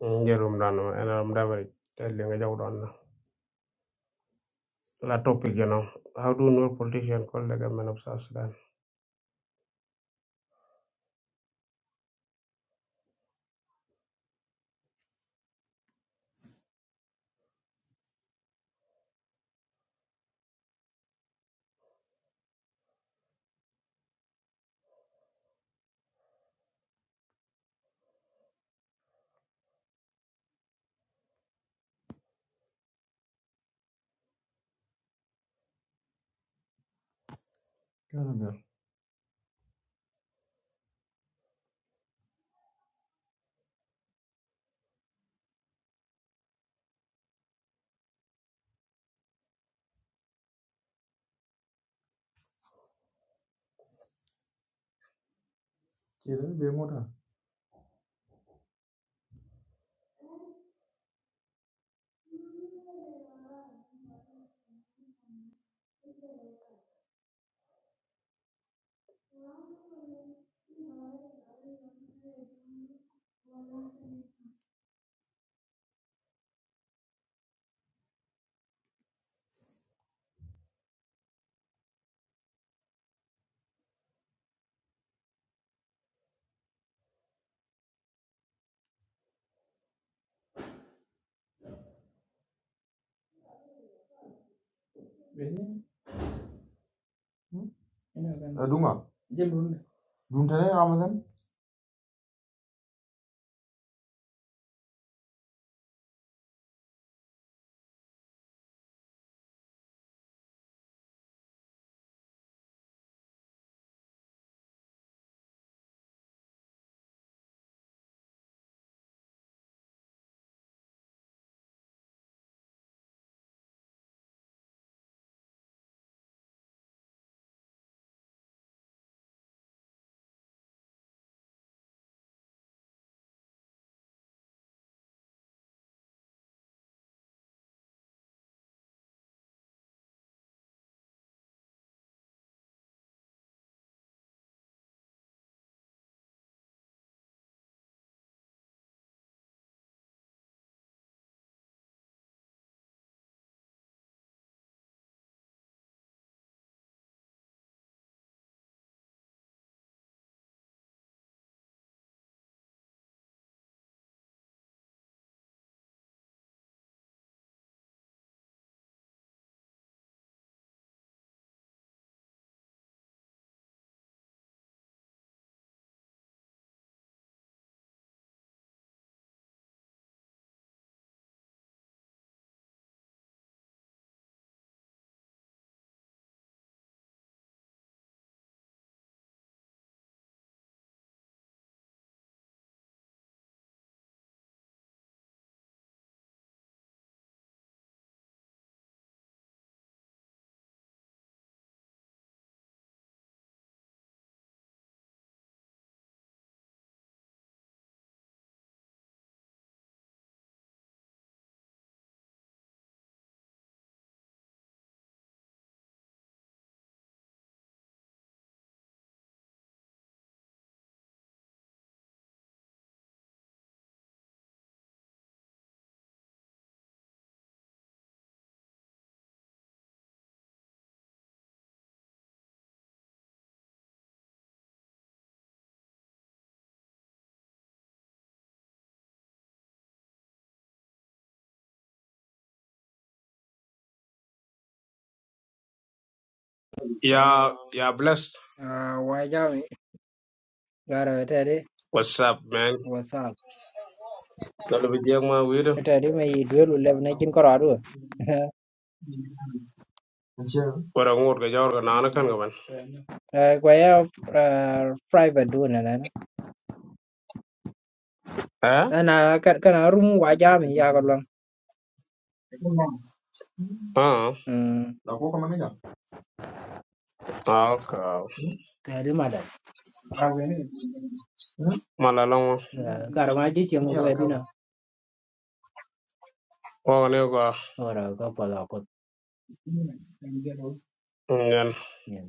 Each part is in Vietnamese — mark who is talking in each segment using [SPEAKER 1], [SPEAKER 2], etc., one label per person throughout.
[SPEAKER 1] Ngerum dano and I'm never telling a joke on la topic, you know. How do no politician call the government of South Sudan? Duntane Ramadan. Yeah, yeah, bless.
[SPEAKER 2] Ah, wajabi gara tedi
[SPEAKER 1] What's up, man?
[SPEAKER 2] wasal
[SPEAKER 1] Tell me, young man, we do.
[SPEAKER 2] tedi me duelu lev na jin koro adu
[SPEAKER 1] What I want to go on a can go
[SPEAKER 2] Eh, kwa ya ah, private du na na na
[SPEAKER 1] Eh?
[SPEAKER 2] na ka- kana room wajami ya ko long
[SPEAKER 1] Ah,
[SPEAKER 2] mm
[SPEAKER 1] La ko kama nega. okay.
[SPEAKER 2] tedi madam
[SPEAKER 1] Malalong.
[SPEAKER 2] Eh, gara ma ji
[SPEAKER 1] Uchi
[SPEAKER 2] chengo
[SPEAKER 1] ala
[SPEAKER 2] kwa dina
[SPEAKER 1] Oh, no, go.
[SPEAKER 2] ora ko pala ko
[SPEAKER 1] Then
[SPEAKER 2] nyen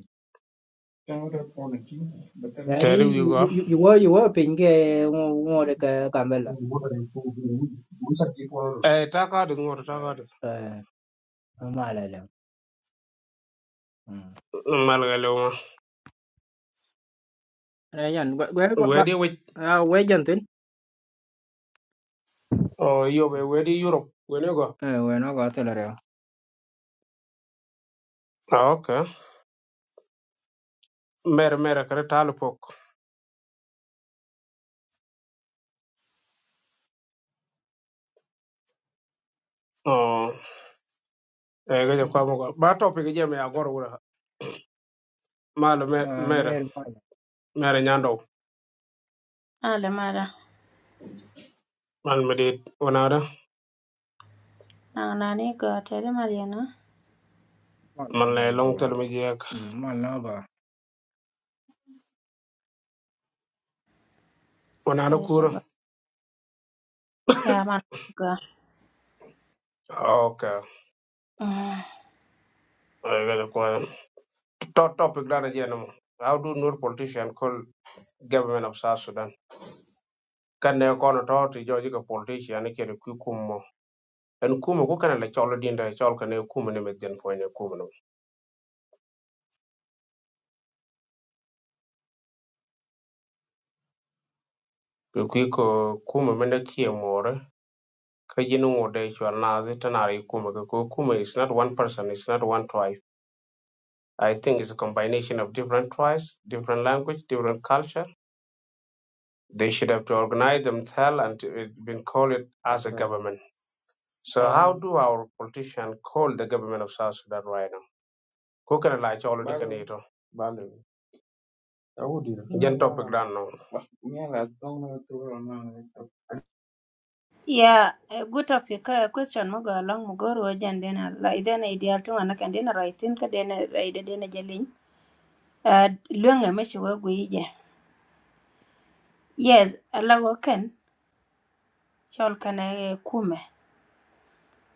[SPEAKER 2] tedi
[SPEAKER 1] tell you
[SPEAKER 2] you
[SPEAKER 1] go.
[SPEAKER 2] you you were you were pinge ngore ka kambela
[SPEAKER 1] Muda Eh, taka di ngor, taka di.
[SPEAKER 2] eh mala le mm
[SPEAKER 1] Malgaloma.
[SPEAKER 2] eh yan gwa gwa ba
[SPEAKER 1] Where do we?
[SPEAKER 2] ah we jantin
[SPEAKER 1] Oh, you be where do Europe? Where you go?
[SPEAKER 2] eh we no ko tele re
[SPEAKER 1] Ah, okay. Mere mere kare talipok. Oh, eh, gaje kwa mga. Ba topic je me agor wura. Mal me mere mere nyando.
[SPEAKER 3] Nale mara
[SPEAKER 1] Man me dit wanada.
[SPEAKER 3] nang'ananigo teri Mariana
[SPEAKER 1] Man
[SPEAKER 2] Welcome,
[SPEAKER 1] le
[SPEAKER 2] welcome,
[SPEAKER 1] long tel me
[SPEAKER 2] welcome.
[SPEAKER 1] jek.
[SPEAKER 2] Mm, My lover.
[SPEAKER 1] Wanada kura.
[SPEAKER 3] Eishago. Yeah, man. Go.
[SPEAKER 1] Ah, Okay.
[SPEAKER 3] Mm.
[SPEAKER 1] Eh, gaje kwa. Top topic dana je namo. How do Nur politician call government of South Sudan? Kan ne kono to ti joji ka politician ni kere kukumo. En kumo ko kana le cholo dinda e chol kana kumo ni medjen poine kumo no. Ki kwi ko kuma mende kie more ka jin ngode chwal na zi tanari kuma ki ko kuma is not one person it's not one tribe I think it's a combination of different tribes, different language, different culture. They should have to organize themselves and it been called it as a Okay. government. So how do our politicians call the government of South Sudan right now? Kukana la cholo di Balu, kanito. Balu. I would do Jan topic dan no.
[SPEAKER 3] Yeah, a good topic. A question mo go along mo go ro jan dena la idena ideal to wana kan dena writing ka dena ide dena jalin. Uh, luenga me shi wagu ije. Yes, ala go ken chol kan e kume.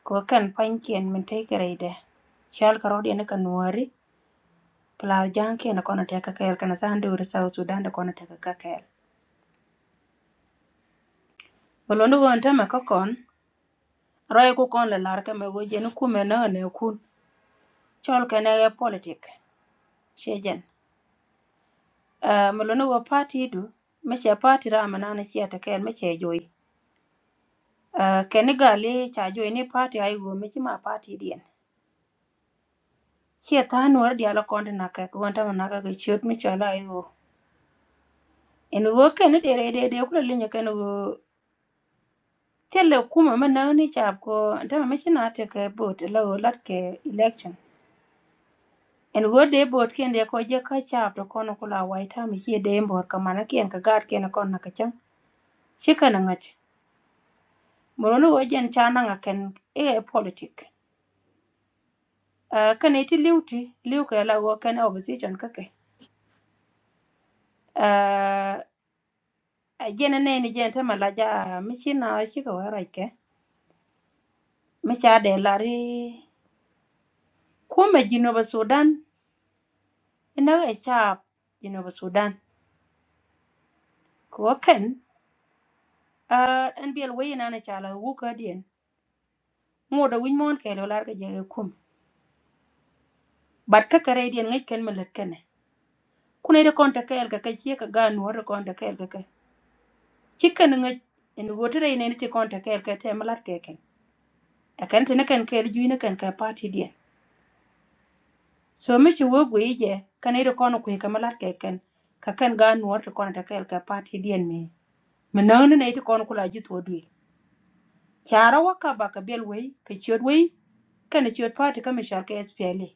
[SPEAKER 3] Ko ken pankien min take ide. Chol ka rodi ne kan wari. Pla janke na kono teka kel kana sandu ur South Sudan da kono teka kel. Bolondo go ntama kokon roi ku kon le lar keme go jen kume na ne kun chol kene ge politik shejen uh, melo ne wo party du meche party ra mana ne chia te ken meche joy uh, kene gali cha joy ni party ai go meche ma party dien chia ta nuor dia la konde na ke ko ta na ke chiot mi chola ai go en wo kene de re de de ku le ne kene go tele kuma ma na ni cha ko ta meche na te ke bot lo lat ke election en go de bot ken de ko je ka chap to kono kula wai ta mi che de mbor ka mana ken ka gar ken kon na ka chang che kana ngach moro no jen cha na nga ken e politic uh, kan iti liuti liu ka la go ken opposition ka ke uh, jen ne ni jen ta mala ja mi chi na chi ka wara ke mi cha de la ri ko me jino ba sudan ina e chap jino ba sudan ko ken uh, en biel we na na cha la wu ka dien ngoda win mon ke lo lar ka je kum But kakare dien ngai ken melet kene. Kune de konta kael ka kachie ka gan wore konta kael ka kai. Chicken ngai in wotere in ene che konta kael ka te melat keken. A kan tene kan kael juine kan ka party dien. So me che wo gwe je kane de kono kwe ka melat keken. Ka kan gan wore konta kael ka party dien me. Menang ne ite kono kula jit wodwi. Chara waka ba ka bel wei ka chiot wei kana chiot party ka mishal ka SPLA.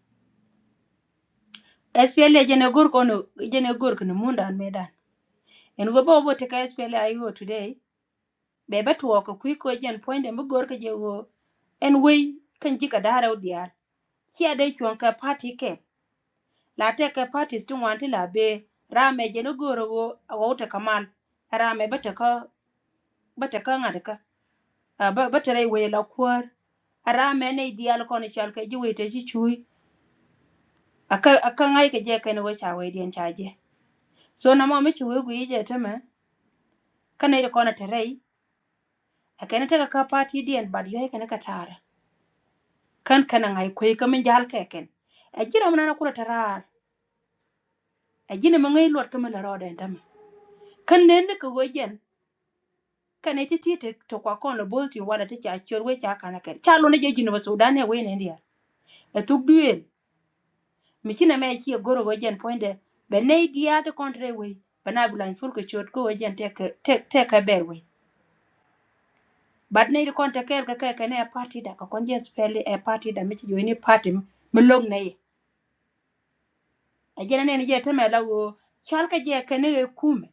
[SPEAKER 3] SPLA jene gor kono jene gor kono mundan medan. En go bo bo te ka SPLA ayo today be ba tuwo ka kui ko jen point de mugor ka jego en wei kan ji ka dara diar ki ade chon ka party ke la te ka parties tun wanti la be rame je no goro go awota kamal rame bata ka bata ka ngada ka a ba bata rai wei la kwar rame ne dial kon chal ka ji wei te ji chui aka aka ngai ka je ka no cha wei dien cha je so na mo mi chi wei gu je tama kana ida kona terai akene teka ka party dien bad yo kana ka tar kan kana ngai kwe ka min jal keken a jira mana na kula tarar a jina ma ngai lord ka min la roda ndam kan ne ne ka gojen kan ne ti ti te to kwa kon lo bolti wala ti cha chor we cha kana ken cha lo ne je jino ba sudan ne we ne ndia e tuk duel mi china me chi goro gojen poinde be ne dia to kontre we bana bulan fur ko chot ko gojen te ka- te te ka ber we bad ne kon te ker ka ke ne a party da ka kon je spell a party da mi ti jo ni party mi log ne a jere nen je teme la wo chol ka je kene ge kume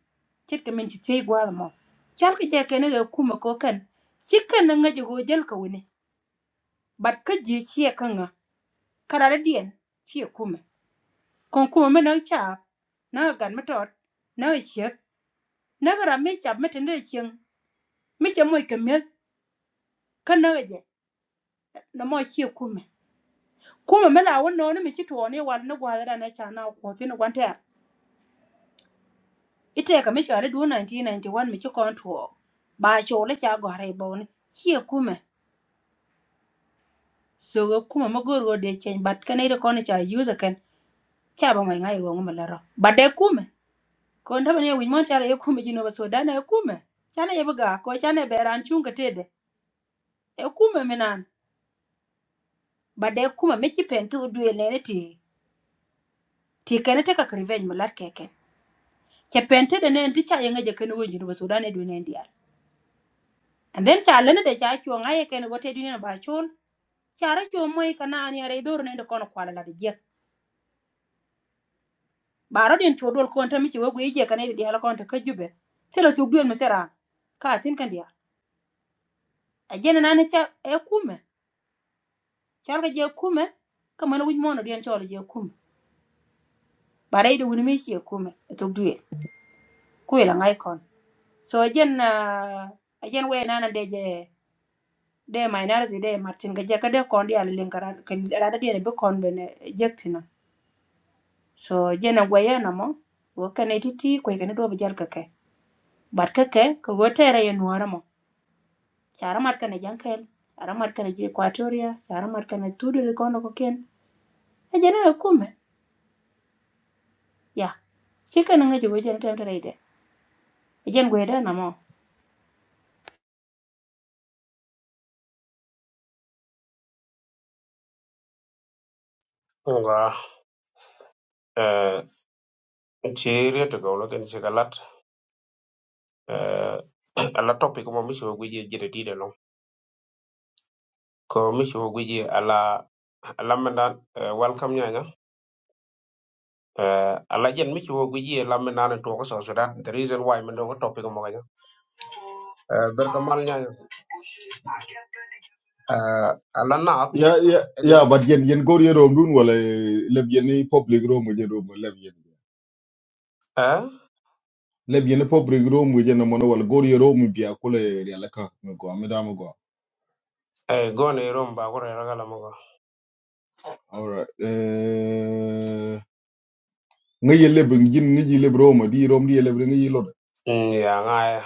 [SPEAKER 3] chit ka min chi tei gwa mo chol ka je kene ge kume ko kan chi kan na ngaje go jel ka wune bat ka je chi ka nga karara dien chi kume kon kume me na cha na gan me tot na che na ga me cha me tende chen me che moy ka me kan na je na mo chi kume kume me la wono ne me chi to ne wal na gwa ra na cha na ko tin gwan te ite ka misha le du 1991 mi ci kon tuo ba cho le cha go re bon chi kume so go kuma ma go ro de chen bat ka ne de kon cha use ken cha ba mai ngai go ma la ro ba de kume kon ta ne wi mon cha le kume ji no ba so da na kume cha ne ga ko cha ne be ran chung ka te de e kume mi nan ba de kume mi ci pen tu du le ne ti ti ka ne te ka revenge ma lat ke ken cha pen te de ne ti cha ye ngai je ken wo ji no ba so da ne du ne ndial and then cha le ne de cha chuo ngai ken go te du ne ba chul cara co moi kana an yara idor nende kono kwala la dijek baro den co dol kon tami ci wagu ije kana di hala kon ta kajube tela tuk duel metera ka tin kan dia ajena nana ca e kume cal ga je kume ka mana wuj mono den colo je kume bare ide wuni mi ci e kume e tuk duel ku ila ngai kon so ajen uh, ajen we nana de je de my analysis de martin ga je ka de kon dia len kara ka ada dia be kon bene jektina so jena gwe yana mo wo kana titi ko kana do be jar ka But keke kogo tere ye nuora mo. Chara mat kane jankel. Chara mat kane je Equatoria. Chara mat kane tudu li kono ko ken. E jana e kume. Ya. Chika nanga jugo jana tem tere ide. E jen gweda na mo.
[SPEAKER 1] Nga. eh Chiri to go look eh, ala topic mo mishi wo gweje jere tide long ko mishi wo gweje ala ala mendan eh, welcome nyanya eh, ala jen mishi wo gweje ala mendan to ko so so that the reason why mendo ko topic mo ganya eh, berkamal nyanya eh, ala na
[SPEAKER 4] Yeah, yeah,
[SPEAKER 1] eh
[SPEAKER 4] yeah, but yen yen go yen room dun wala leb yen public room yen room leb yen
[SPEAKER 1] eh
[SPEAKER 4] leb yen public room yen mono wala go yen room biya kula yala ka me go da me go.
[SPEAKER 1] eh, gone rom ba ko rega la mo ko
[SPEAKER 4] Alright. Eh ngay leb yin ngay leb room di room di leb ngay lod.
[SPEAKER 1] Mm, ya ngaya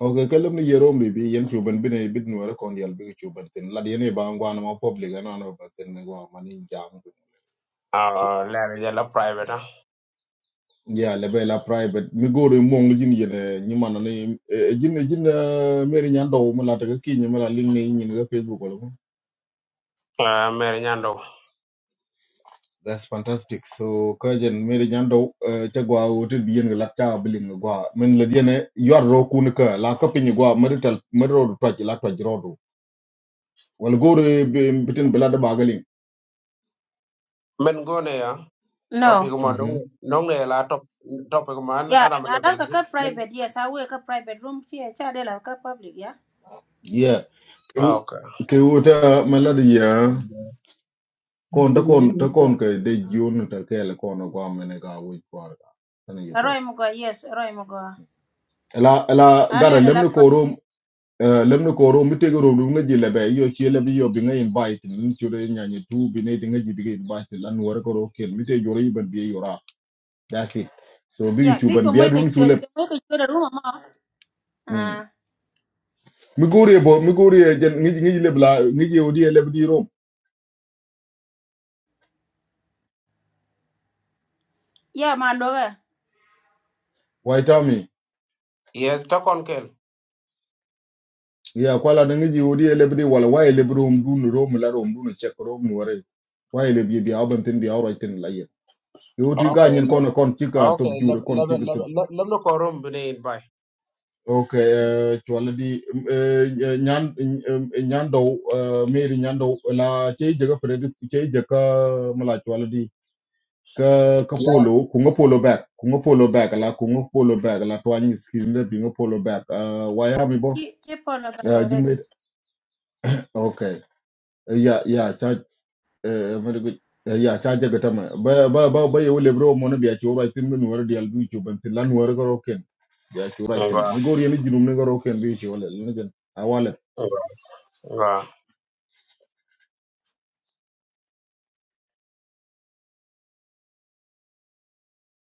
[SPEAKER 4] Okay, kalam ni yen room bi yen chuban bin ay bit nuara kon yal bi chuban tin lad yen ba ngwa na ma public ana no ba tin ngwa mani jam.
[SPEAKER 1] ah lere jala private ah
[SPEAKER 4] ya le be la private mi gore mo ngi jin yene ni man ne e, e, jin jin meri nyan do mo la ta ki ni mo la link ne ni ga facebook wala ko
[SPEAKER 1] eh, mere nyando
[SPEAKER 4] that's fantastic so ka jen meri nyan do ta gwa o te bi yen la ta bi link gwa men la yene yor ro ku ni ka la ka pin gwa marital mero to ji la to ji ro do wal gore bitin bla da bagalin
[SPEAKER 1] men gone ya topic
[SPEAKER 3] No.
[SPEAKER 1] mo
[SPEAKER 4] mhm
[SPEAKER 1] dong dong ne la top topic man
[SPEAKER 3] Yeah,
[SPEAKER 1] aram
[SPEAKER 3] I
[SPEAKER 1] level
[SPEAKER 3] like a
[SPEAKER 1] level
[SPEAKER 3] cut
[SPEAKER 1] men
[SPEAKER 3] private. Yes, I work a private room. See, I charge a cut public. Yeah.
[SPEAKER 4] yeah
[SPEAKER 1] Ah, okay
[SPEAKER 4] ke wota malada ya kon ta kon ta kon ka de jion ta kele kon gwa mene ga wi kwar ga tani
[SPEAKER 3] Roy Mugo. Yes, Roy Mugo.
[SPEAKER 4] ela ela
[SPEAKER 3] I
[SPEAKER 4] gara
[SPEAKER 3] let a
[SPEAKER 4] lemni
[SPEAKER 3] lap.
[SPEAKER 4] korum eh, lemni korum mitege ro dunga ji lebe yo chi lebe yo binga invite ni chure nyanye tu bine dinga ji biga invite lan wara ko ro ken mite jore iban biye yora that's it so bigi
[SPEAKER 3] Yeah, big
[SPEAKER 4] chuban
[SPEAKER 3] you
[SPEAKER 4] biya
[SPEAKER 3] make a
[SPEAKER 4] dun
[SPEAKER 3] shoot.
[SPEAKER 4] chule
[SPEAKER 3] You make a shoot a room. Ma.
[SPEAKER 4] mm
[SPEAKER 3] Ah.
[SPEAKER 4] migori bo migori e jen ngi ngi lebe la ngi odi lebe di rom
[SPEAKER 3] Yeah, my lover.
[SPEAKER 4] wai tami
[SPEAKER 1] yes to kon
[SPEAKER 4] ya kwala da ngi odi lebe di wala wai lebe rom dun rom la rom dun chek rom ni wara wai lebe bi bi aban tin bi awra tin la ye yo ti ga
[SPEAKER 1] Okay,
[SPEAKER 4] nyen
[SPEAKER 1] le
[SPEAKER 4] kono kon chika top
[SPEAKER 1] okay, Let
[SPEAKER 4] jure kon
[SPEAKER 1] Let Let
[SPEAKER 4] chika
[SPEAKER 1] Let Let me korum bine in bay.
[SPEAKER 4] Okay, uh, chwala di um, eh, eh, nyan um, eh, nyando uh, Mary nyando la chei jaga predi chei jaga mala chwala di ka ka
[SPEAKER 1] Yeah.
[SPEAKER 4] polo kunga polo back kunga polo back la kunga polo back la twani skin de binga polo back uh, why am I bo
[SPEAKER 3] Keep on a
[SPEAKER 4] uh,
[SPEAKER 3] bag
[SPEAKER 4] jilme okay uh, yeah yeah cha uh, very good uh, yeah cha jaga tama ba ba ba ba yo lebro mo na biya chura tin men wor di albu chu ban tin lan wor ko ken biya chura
[SPEAKER 1] Nga,
[SPEAKER 4] tin ni gor yeni jinum ne gor ken bi chu le
[SPEAKER 1] nga, nga.